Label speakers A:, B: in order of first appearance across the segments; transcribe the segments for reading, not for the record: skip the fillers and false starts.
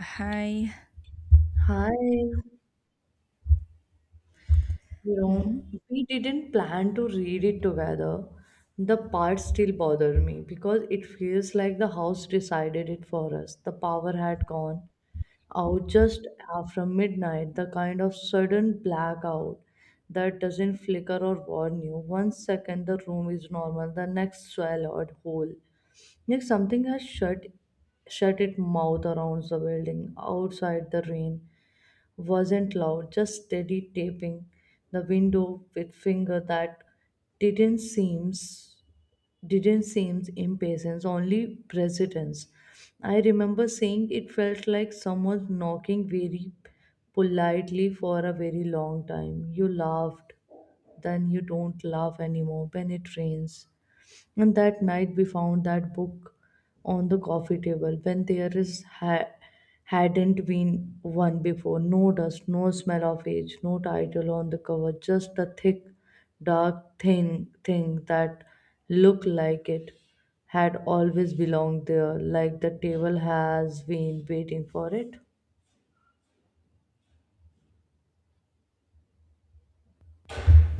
A: Hi.
B: Hi, you
A: hmm
B: we didn't plan to read it together. The parts still bother me because it feels like the house decided it for us. The power had gone out just after midnight, the kind of sudden blackout that doesn't flicker or warn you. One second the room is normal, the next swallowed whole. Like something has shut its mouth around the building. Outside, the rain wasn't loud, just steady, tapping the window with finger that didn't seems didn't seems impatience, only precedence. I remember saying it felt like someone knocking very politely for a very long time. You laughed, then you don't laugh anymore when it rains. And that night we found that book on the coffee table when there hadn't been one before. No dust, no smell of age, no title on the cover, just a thick, dark thing that looked like it had always belonged there, like the table has been waiting for it.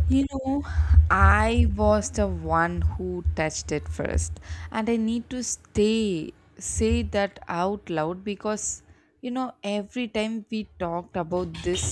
A: You know, I was the one who touched it first, and I need to stay say that out loud because you know every time we talked about this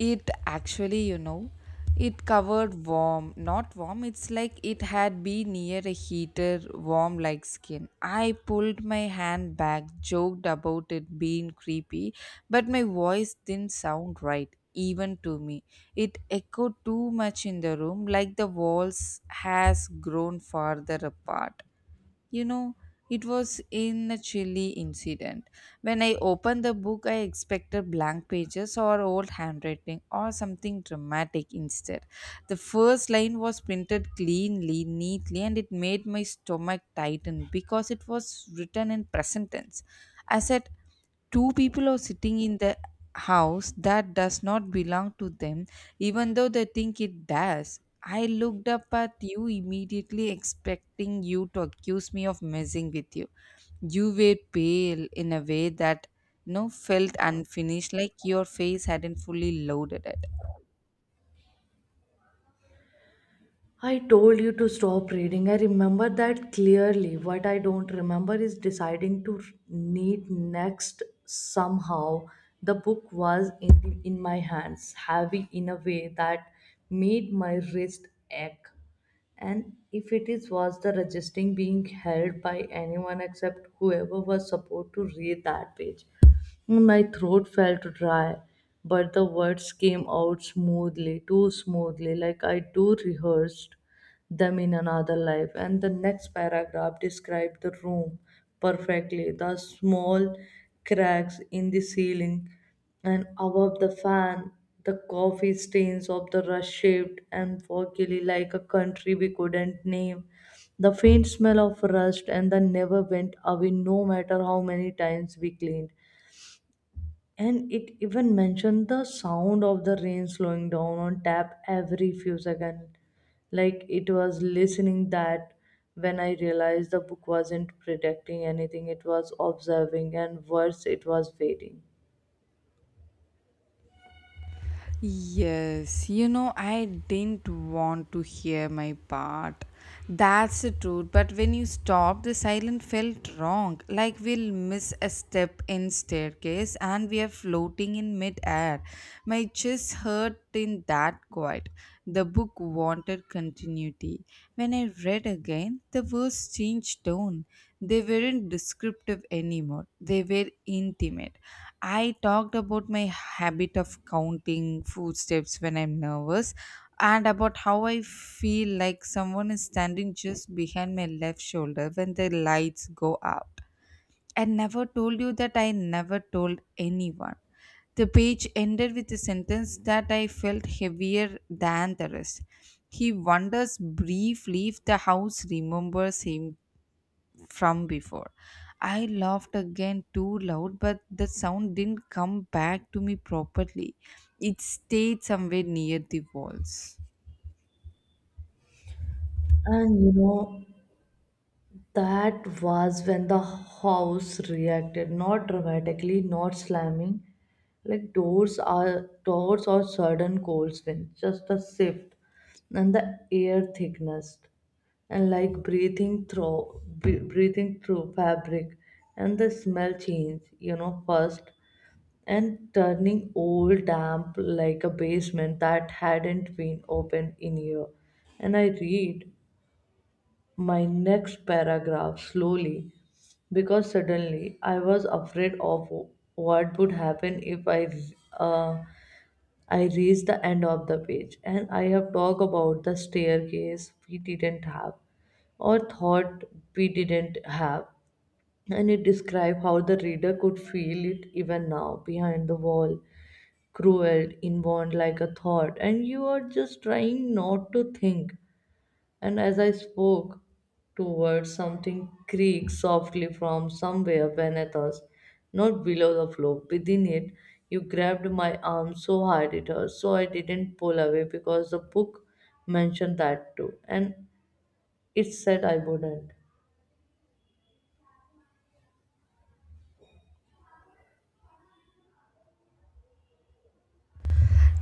A: it actually it covered warm, not warm, it's like it had been near a heater, warm like skin. I pulled my hand back, joked about it being creepy, but my voice didn't sound right, even to me. It echoed too much in the room, like the walls has grown farther apart. You know, it was in a chilly incident. When I opened the book, I expected blank pages or old handwriting or something dramatic instead. The first line was printed cleanly, neatly, and it made my stomach tighten because it was written in present tense. I said, two people are sitting in the house that does not belong to them, even though they think it does. I looked up at you immediately, expecting you to accuse me of messing with you. You were pale in a way that felt unfinished, like your face hadn't fully loaded it.
B: I told you to stop reading. I remember that clearly. What I don't remember is deciding to read next. Somehow the book was in my hands, heavy in a way that made my wrist ache. And if it is was the registering being held by anyone except whoever was supposed to read that page. My throat felt dry, but the words came out smoothly, too smoothly, like I do rehearsed them in another life. And the next paragraph described the room perfectly: the small cracks in the ceiling and above the fan, the coffee stains of the rush shaped and foggy like a country we couldn't name. The faint smell of rust and the never went away no matter how many times we cleaned. And it even mentioned the sound of the rain slowing down on tap every few seconds. Like it was listening. That when I realized the book wasn't predicting anything, it was observing, and worse, it was waiting.
A: Yes, you know, I didn't want to hear my part. That's the truth. But when you stopped, the silence felt wrong. Like we'll miss a step in staircase and we are floating in midair. My chest hurt in that quiet. The book wanted continuity. When I read again, the words changed tone. They weren't descriptive anymore. They were intimate. I talked about my habit of counting footsteps when I'm nervous and about how I feel like someone is standing just behind my left shoulder when the lights go out. I never told you that I never told anyone. The page ended with a sentence that I felt heavier than the rest. He wonders briefly if the house remembers him from before. I laughed again too loud, but the sound didn't come back to me properly. It stayed somewhere near the walls.
B: And you know, That was when the house reacted, not dramatically, not slamming like doors are doors or sudden cold wind, just a shift, and the air thickness, and like breathing through breathing through fabric, and the smell change, first, and turning old damp like a basement that hadn't been opened in year, and I read my next paragraph slowly because suddenly I was afraid of what would happen if uh, I reached the end of the page. And I have talked about the staircase we didn't have or thought we didn't have, and it described how the reader could feel it even now behind the wall, cruel inborn like a thought and you are just trying not to think. And as I spoke towards something, creaked softly from somewhere beneath us, not below the floor, within it. You grabbed my arm so hard it hurt, so I didn't pull away because the book mentioned that too, and it said I wouldn't.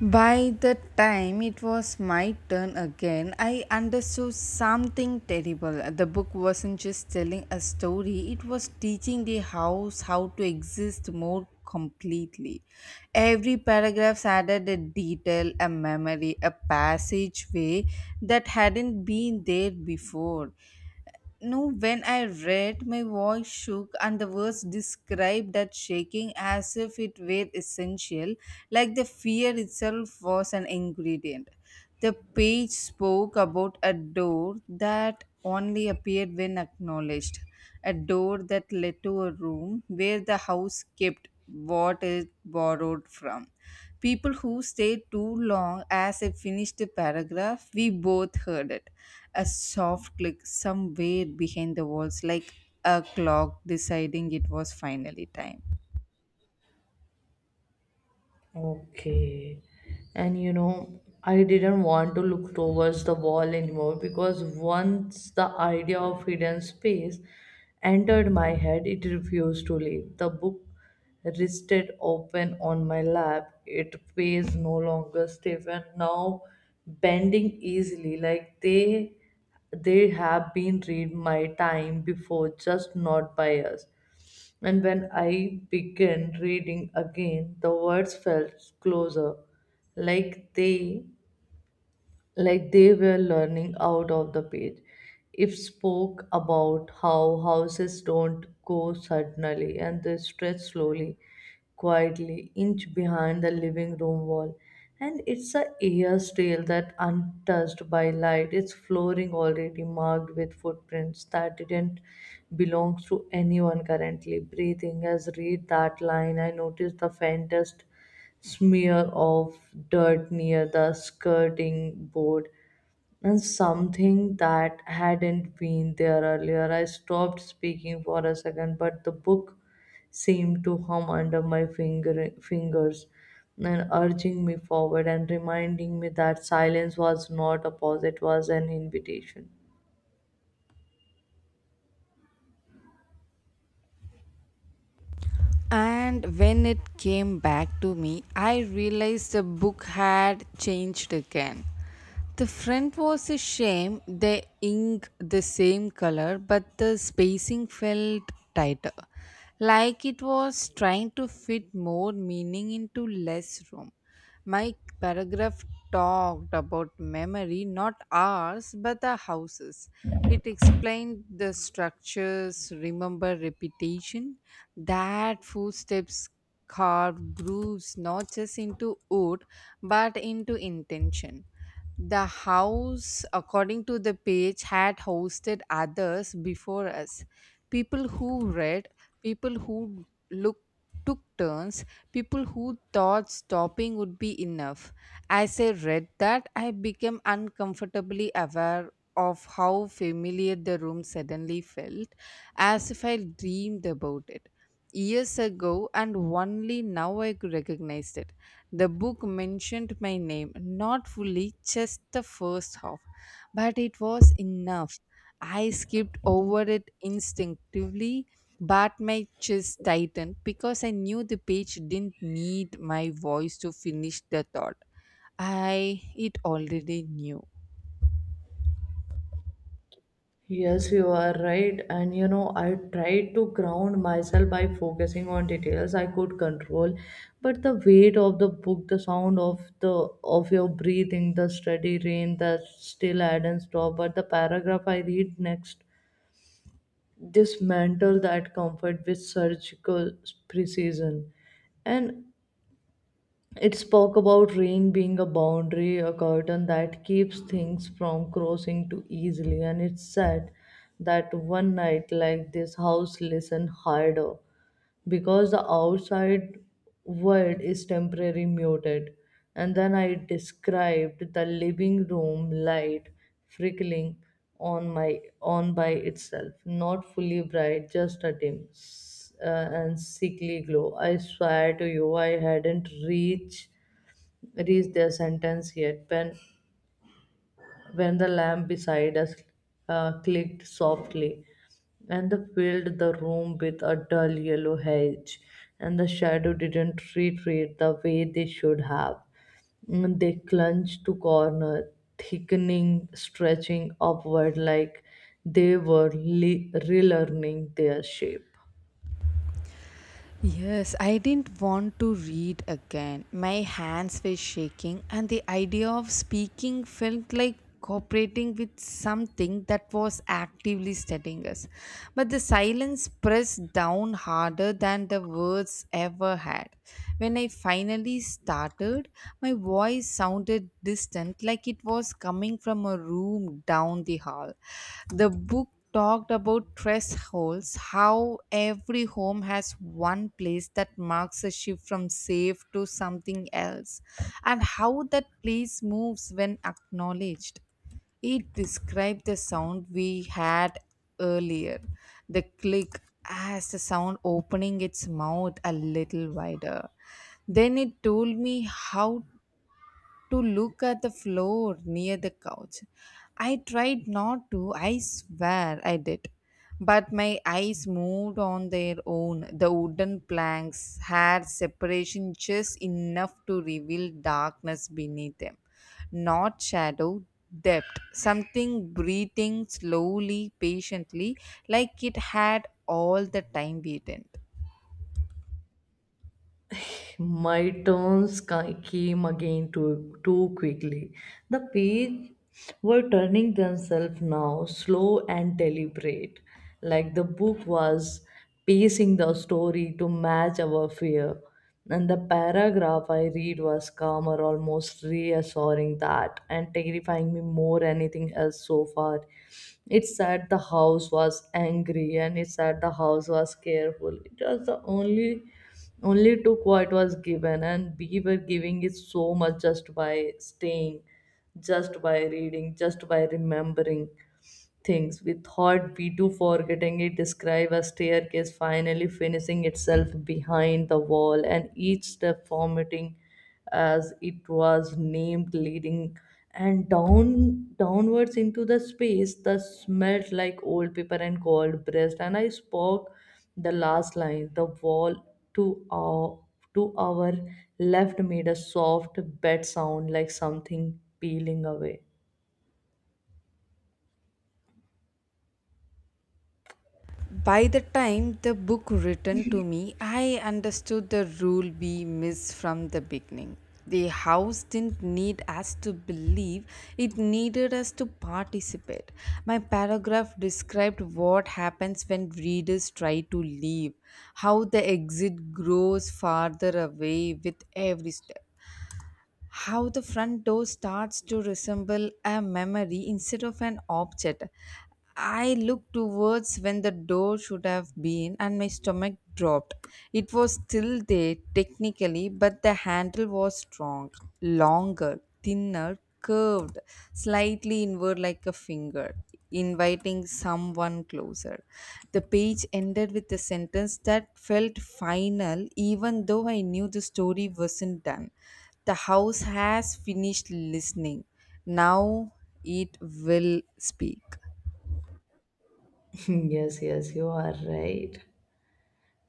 A: By the time it was my turn again, I understood something terrible. The book wasn't just telling a story, it was teaching the house how to exist more completely. Every paragraph added a detail, a memory, a passageway that hadn't been there before. No, when I read, my voice shook, and the words described that shaking as if it were essential, like the fear itself was an ingredient. The page spoke about a door that only appeared when acknowledged, a door that led to a room where the house kept what it borrowed from. People who stayed too long as I finished the paragraph, we both heard it a soft click somewhere behind the walls, like a clock deciding it was finally time.
B: Okay. I didn't want to look towards the wall anymore because once the idea of hidden space entered my head, it refused to leave. The book rested open on my lap. It was no longer stiff and now bending easily, like they have been read my time before, just not by us. And when I began reading again, the words felt closer, like they like they were learning out of the page. It spoke about how houses don't go suddenly and they stretch slowly, quietly, inch behind the living room wall. And it's a air trail that untouched by light, its flooring already marked with footprints that didn't belong to anyone currently breathing. As read that line, I noticed the faintest smear of dirt near the skirting board and something that hadn't been there earlier. I stopped speaking for a second, but the book seemed to hum under my fingers and urging me forward and reminding me that silence was not a pause, it was an invitation.
A: And when it came back to me, I realized the book had changed again. The front was a shame, the ink the same color, but the spacing felt tighter, like it was trying to fit more meaning into less room. My paragraph talked about memory, not ours, but the houses. It explained the structures, remember repetition, that footsteps carve grooves not just into wood but into intention. The house, according to the page, had hosted others before us. People who read, people who look took turns, people who thought stopping would be enough. As I read that, I became uncomfortably aware of how familiar the room suddenly felt, as if I dreamed about it years ago and only now I could recognize it. The book mentioned my name, not fully, just the first half, but it was enough. I skipped over it instinctively, but my chest tightened because I knew the page didn't need my voice to finish the thought. I It already knew.
B: Yes, you are right. I tried to ground myself by focusing on details I could control, but the weight of the book, the sound of the of your breathing, the steady rain that still hadn't stopped, but the paragraph I read next dismantle that comfort with surgical precision. And it spoke about rain being a boundary, a curtain that keeps things from crossing too easily, and it said that one night like this house listened harder because the outside world is temporarily muted. And then I described the living room light flickering on my on by itself, not fully bright, just a and sickly glow. I swear to you, I hadn't reached their sentence yet. When the lamp beside us clicked softly and the filled the room with a dull yellow haze, and the shadow didn't retreat the way they should have. They clung to corner, thickening, stretching upward like they were relearning their shape.
A: Yes, I didn't want to read again. My hands were shaking, and the idea of speaking felt like cooperating with something that was actively studying us. But the silence pressed down harder than the words ever had. When I finally started, my voice sounded distant, like it was coming from a room down the hall. The book talked about thresholds, how every home has one place that marks a shift from safe to something else, and how that place moves when acknowledged. It described the sound we had earlier, the click as the sound opening its mouth a little wider. Then it told me how to look at the floor near the couch. I tried not to, I swear I did. But my eyes moved on their own. The wooden planks had separation just enough to reveal darkness beneath them. Not shadow, depth. Something breathing slowly, patiently, like it had all the time waited.
B: My came again too quickly. The page were turning themselves now, slow and deliberate, like the book was pacing the story to match our fear. And the paragraph I read was calmer, almost reassuring that and terrifying me more anything else so far. It said the house was angry and it said the house was careful. It was the only took what was given, and we were giving it so much just by staying, just by reading, just by remembering things we thought we do forgetting. It describe a staircase finally finishing itself behind the wall, and each step vomiting as it was named, leading and down downwards into the space that smelled like old paper and cold breast. And I spoke the last line. The wall to our to our left made a soft bed sound, like something peeling away.
A: By the time the book written to me I understood the rule we missed from the beginning. The house didn't need us to believe, it needed us to participate. My paragraph described what happens when readers try to leave, how the exit grows farther away with every step, how the front door starts to resemble a memory instead of an object. I looked towards when the door should have been, and my stomach dropped. It was still there technically, but the handle was strong, longer, thinner, curved, slightly inward like a finger, inviting someone closer. The page ended with a sentence that felt final, even though I knew the story wasn't done the house has finished listening. Now it will speak.
B: Yes, yes, you are right.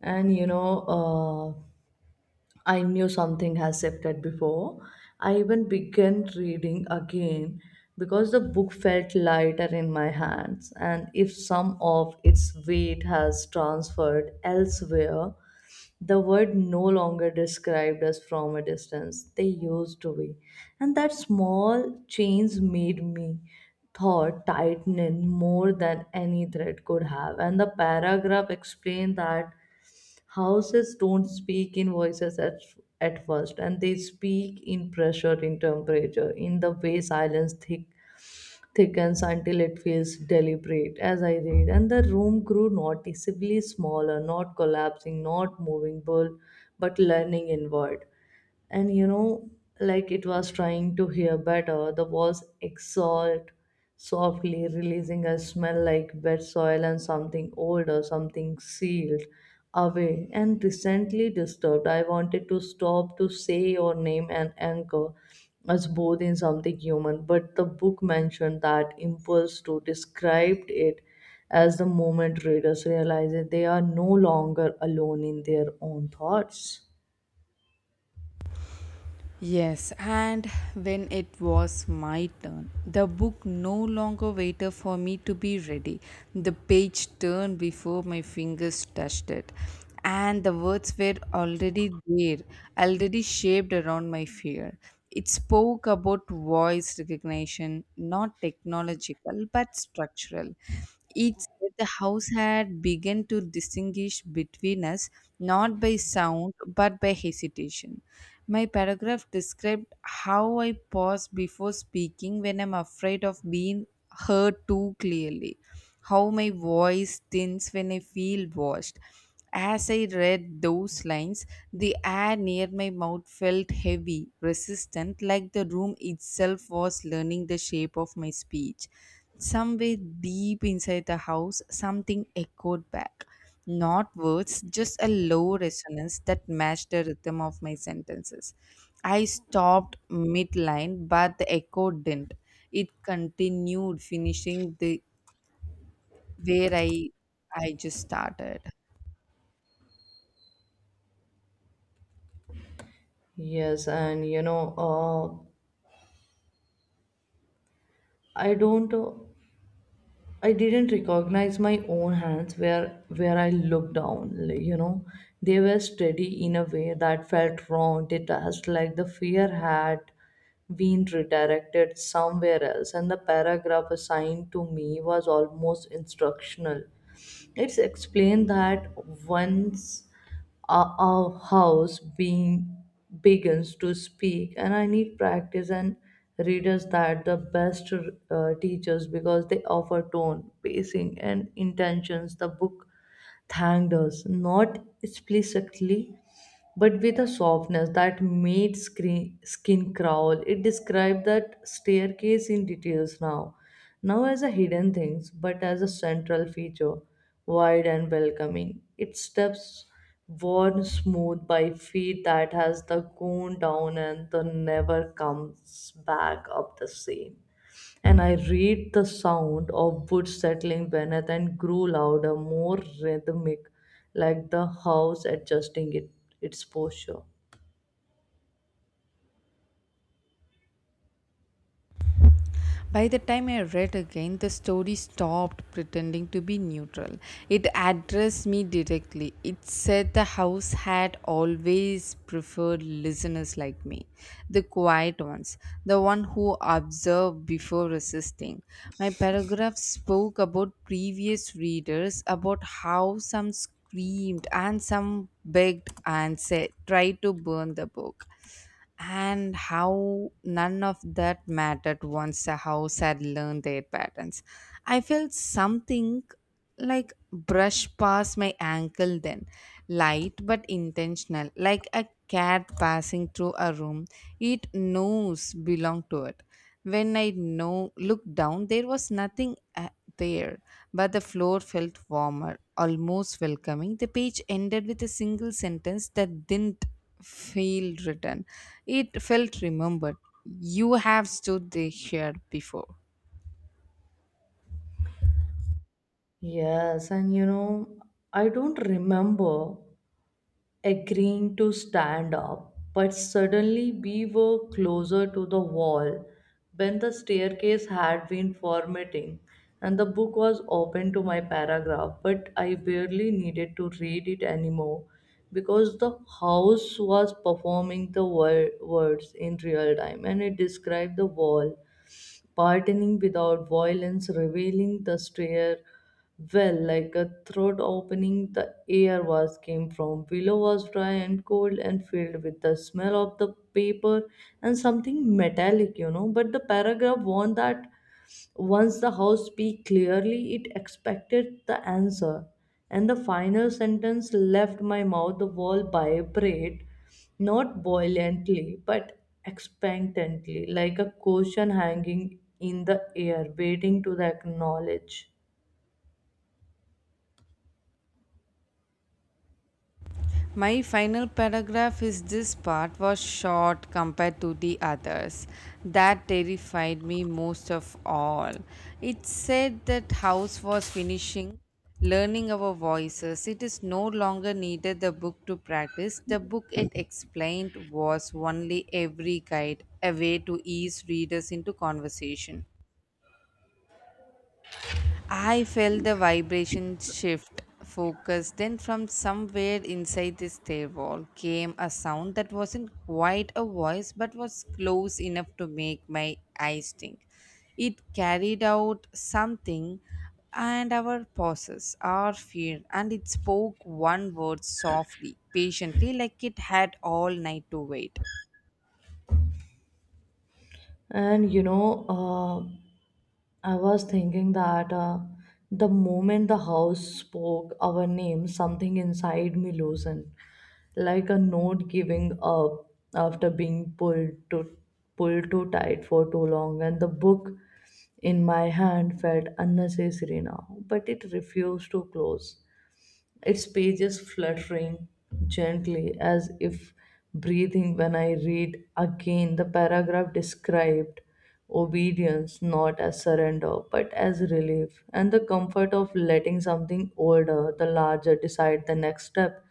B: And I knew something has shifted before. I even began reading again because the book felt lighter in my hands. And if some of its weight has transferred elsewhere, the word no longer described us from a distance. They used to be. And that small change made me thought tighten in more than any thread could have. And the paragraph explained that houses don't speak in voices at first, and they speak in pressure, in temperature, in the way silence thickens until it feels deliberate. As I read, and the room grew noticeably smaller, not collapsing, not moving, but learning inward. And you know Like it was trying to hear better, the walls exhaled softly, releasing a smell like wet soil and something old or something sealed away and recently disturbed. I wanted to stop, to say or name and anchor us both in something human, but the book mentioned that impulse to described it as the moment readers realize that they are no longer alone in their own thoughts.
A: Yes, and when it was my turn, the book no longer waited for me to be ready. The page turned before my fingers touched it, and the words were already there, already shaped around my fear. It spoke about voice recognition, not technological but structural. It said the house had begun to distinguish between us not by sound but by hesitation. My paragraph described how I pause before speaking when I'm afraid of being heard too clearly, how my voice thins when I feel watched, as I read those lines, the air near my mouth felt heavy, resistant, like the room itself was learning the shape of my speech. Somewhere deep inside the house, something echoed back. Not words, just a low resonance that matched the rhythm of my sentences. I stopped midline, but the echo didn't. It continued, finishing the where I just started.
B: Yes, and you know, I don't, I didn't recognize my own hands where I looked down. They were steady in a way that felt wrong, detached, like the fear had been redirected somewhere else. And the paragraph assigned to me was almost instructional. It's explained that once a, a house being begins to speak, and I need practice and readers that the best teachers because they offer tone, pacing, and intentions. The book thanked us not explicitly, but with a softness that made skin crawl. It described that staircase in now as a hidden thing, but as a central feature, wide and welcoming. Its steps worn smooth by feet that has the gone down and the never comes back up the same. And I read the sound of wood settling beneath and grew louder, more rhythmic, like the house adjusting its posture.
A: By the time I read again, the story stopped pretending to be neutral. It addressed me directly. It said the house had always preferred listeners like me, the quiet ones, the one who observed before resisting. My paragraph spoke about previous readers, about how some screamed and some begged and said, tried to burn the book and how none of that mattered once the house had learned their patterns. I felt something like brush past my ankle then, light but intentional, like a cat passing through a room. It knows belong to it. When I no looked down, there was nothing there, but the floor felt warmer, almost welcoming. The page ended with a single sentence that didn't feel written. It felt remembered. You have stood there here before.
B: Yes, and you know, I don't remember agreeing to stand up, but suddenly we were closer to the wall when the staircase had been formatting, and the book was open to my paragraph, but I barely needed to read it anymore because the house was performing the words in real time. And it described the wall pardoning without violence, revealing the stair well like a throat opening. The air was came from below was dry and cold and filled with the smell of the paper and something metallic. But the paragraph warned that once the house speaks clearly, it expected the answer. And the final sentence left my mouth. The wall vibrate, not violently, but expectantly, like a question hanging in the air, waiting to the acknowledge.
A: My final paragraph is this part was short compared to the others. That terrified me most of all. It said that house was finishing learning our voices. It is no longer needed the book to practice. The book it explained was only every guide, a way to ease readers into conversation. I felt the vibration shift focus. Then, from somewhere inside the stairwell, came a sound that wasn't quite a voice but was close enough to make my eyes think. It carried out something and our pauses, our fear, and it spoke one word softly, patiently, like it had all night to wait.
B: And you know, uh, I was thinking that the moment the house spoke our name, something inside me loosened, like a note giving up after being pulled too tight for too long, and the book in my hand felt unnecessary now, but it refused to close, its pages fluttering gently as if breathing. When I read again, the paragraph described obedience not as surrender but as relief and the comfort of letting something older, the larger, decide the next step.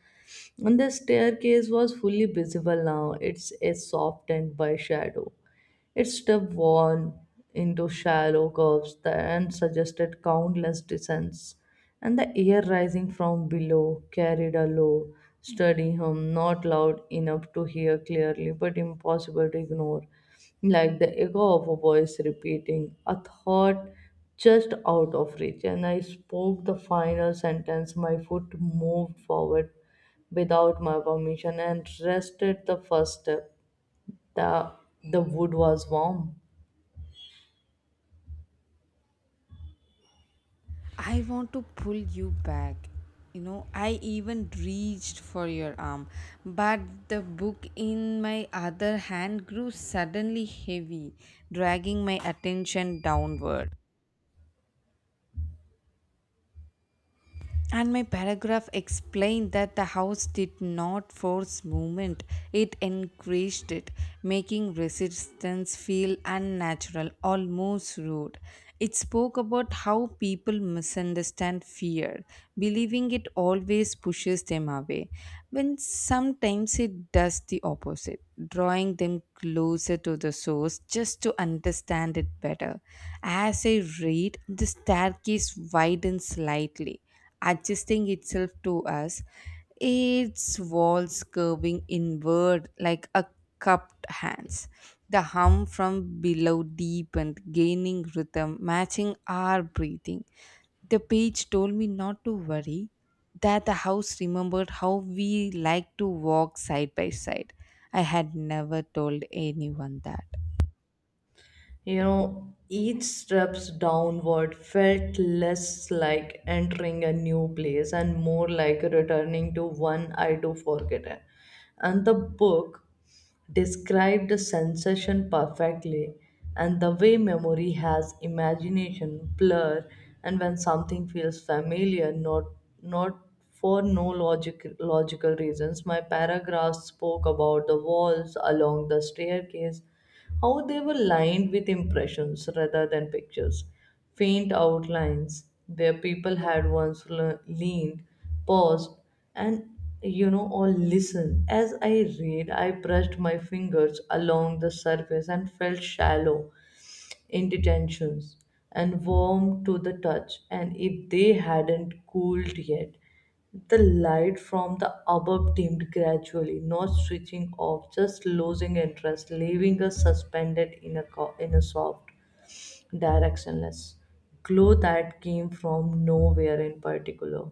B: And the staircase was fully visible now, its a softened by shadow. It's devolved into shallow curves and suggested countless descents, and the air rising from below carried a low, steady hum, not loud enough to hear clearly, but impossible to ignore, like the echo of a voice repeating a thought just out of reach. And I spoke the final sentence, my foot moved forward without my permission and rested the first step, the, the wood was warm.
A: I want to pull you back. You know, I even reached for your arm, but the book in my other hand grew suddenly heavy, dragging my attention downward. And my paragraph explained that the house did not force movement, it encouraged it, making resistance feel unnatural, almost rude. It spoke about how people misunderstand fear, believing it always pushes them away, when sometimes it does the opposite, drawing them closer to the source just to understand it better. As I read, the staircase widened slightly adjusting itself to us, its walls curving inward like a cupped hands. The hum from below deepened, gaining rhythm, matching our breathing. The page told me not to worry, that the house remembered how we liked to walk side by side. I had never told anyone that.
B: You know, each steps downward felt less like entering a new place and more like returning to one I do forgotten. And the book described the sensation perfectly, and the way memory has imagination blur, and when something feels familiar, not for no logical reasons. My paragraphs spoke about the walls along the staircase, how they were lined with impressions rather than pictures, faint outlines where people had once leaned, paused, and, you know, or listened. As I read, I brushed my fingers along the surface and felt shallow indentations, and warm to the touch. And if they hadn't cooled yet, the light from the above dimmed gradually, not switching off, just losing interest, leaving us suspended in in a soft, directionless glow that came from nowhere in particular.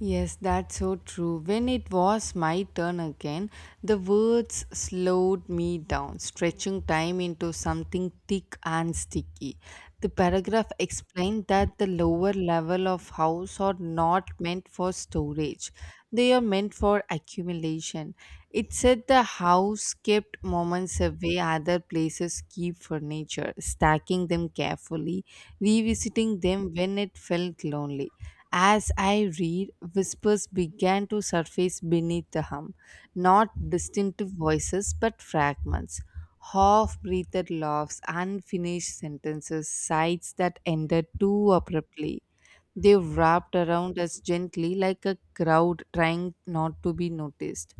A: Yes, that's so true. When it was my turn again, the words slowed me down, stretching time into something thick and sticky. The paragraph explained that the lower level of house are not meant for storage, they are meant for accumulation. It said the house kept moments away, other places keep furniture, stacking them carefully, revisiting them when it felt lonely. As I read, whispers began to surface beneath the hum, not distinctive voices but fragments. Half breathed laughs, unfinished sentences, sighs that ended too abruptly. They wrapped around us gently like a crowd trying not to be noticed.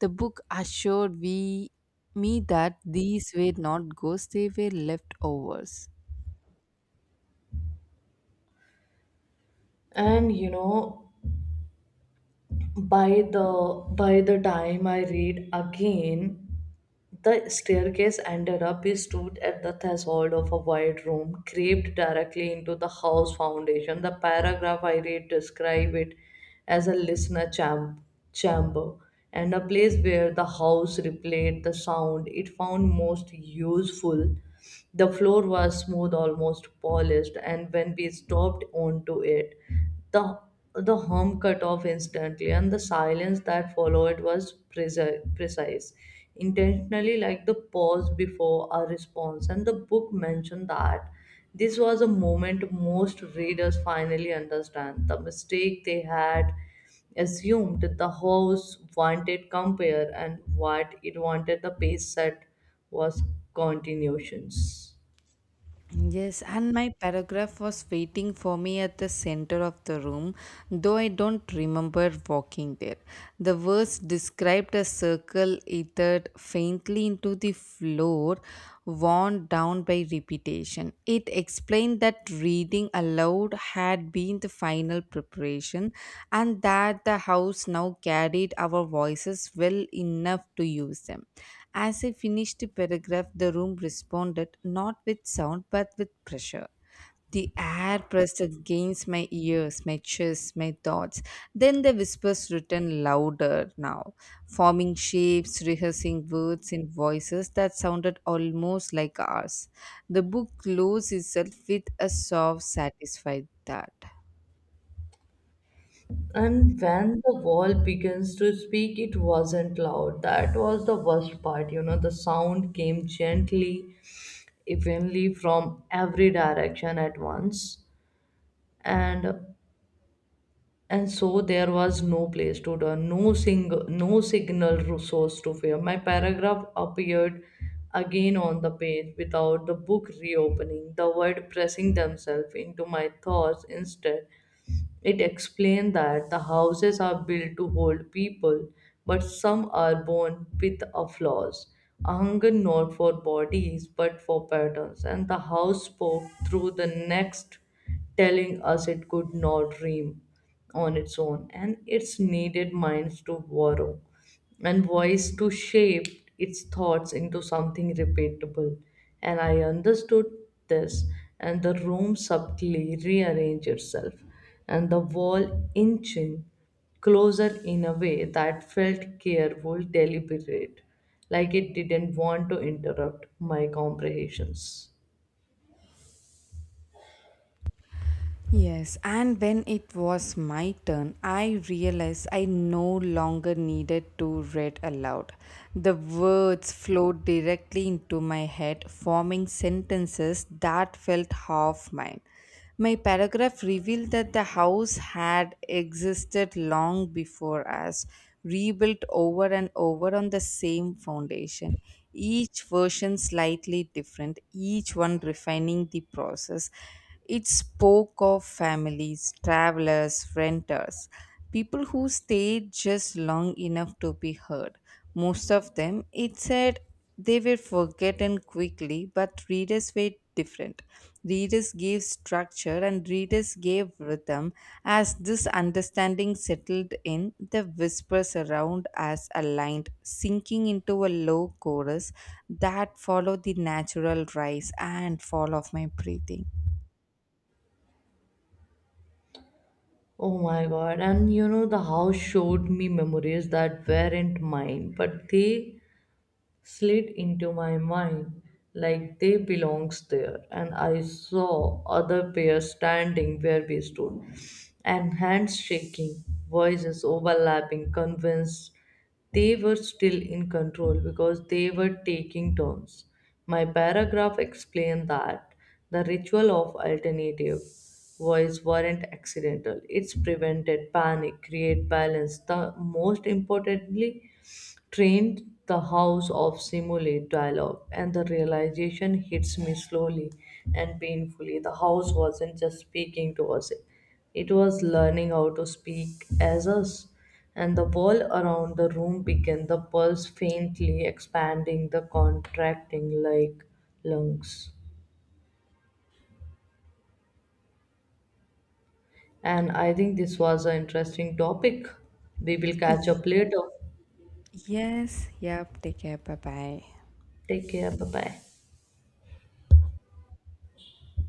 A: The book assured me that these were not ghosts, they were leftovers.
B: And you know, by the time I read again, the staircase ended up. We stood at the threshold of a wide room crept directly into the house foundation. The paragraph I read described it as a chamber, and a place where the house replayed the sound it found most useful. The floor was smooth, almost polished, and when we stopped onto it, the the hum cut off instantly, and the silence that followed was precise, intentionally, like the pause before a response. And the book mentioned that this was a moment most readers finally understand the mistake they had assumed the house wanted compare, and what it wanted, the pace set, was continuations.
A: Yes, and my paragraph was waiting for me at the center of the room, though I don't remember walking there. The verse described a circle ethered faintly into the floor, worn down by repetition. It explained that reading aloud had been the final preparation, and that the house now carried our voices well enough to use them. As I finished the paragraph, the room responded not with sound but with pressure. The air pressed against my ears, my chest, my thoughts. Then the whispers returned louder now, forming shapes, rehearsing words in voices that sounded almost like ours. The book closed itself with a soft, satisfied thud.
B: And when the wall begins to speak, it wasn't loud. That was the worst part. You know, the sound came gently, evenly, from every direction at once. And and so there was no place to turn, no no signal source to fear. My paragraph appeared again on the page without the book reopening, the word pressing themselves into my thoughts instead. It explained that the houses are built to hold people, but some are born with a flaws, a hunger not for bodies but for patterns. And the house spoke through the next, telling us it could not dream on its own, and its needed minds to borrow and voice to shape its thoughts into something repeatable. And I understood this, and the room subtly rearranged itself, and the wall inching closer in a way that felt careful, deliberate, like it didn't want to interrupt my comprehensions.
A: Yes, and when it was my turn, I realized I no longer needed to read aloud. The words flowed directly into my head, forming sentences that felt half mine. My paragraph revealed that the house had existed long before us, rebuilt over and over on the same foundation, each version slightly different, each one refining the process. It spoke of families, travelers, renters, people who stayed just long enough to be heard. Most of them, it said they were forgotten quickly, but readers were different. Readers gave structure and readers gave rhythm. As this understanding settled in, the whispers around us aligned, sinking into a low chorus that followed the natural rise and fall of my breathing.
B: Oh my god, and you know, the house showed me memories that weren't mine, but they slid into my mind like they belongs there. And I saw other pairs standing where we stood, and hands shaking, voices overlapping, convinced they were still in control because they were taking turns. My paragraph explained that the ritual of alternative voice weren't accidental, it's prevented panic, create balance, the most importantly, trained the house of simulate dialogue. And the realization hits me slowly and painfully, the house wasn't just speaking to us, it was learning how to speak as us. And the wall around the room began the pulse, faintly expanding the contracting like lungs. And I think this was an interesting topic, we will catch up later.
A: Yes, yep. Take care. Bye bye.
B: Take care, bye bye.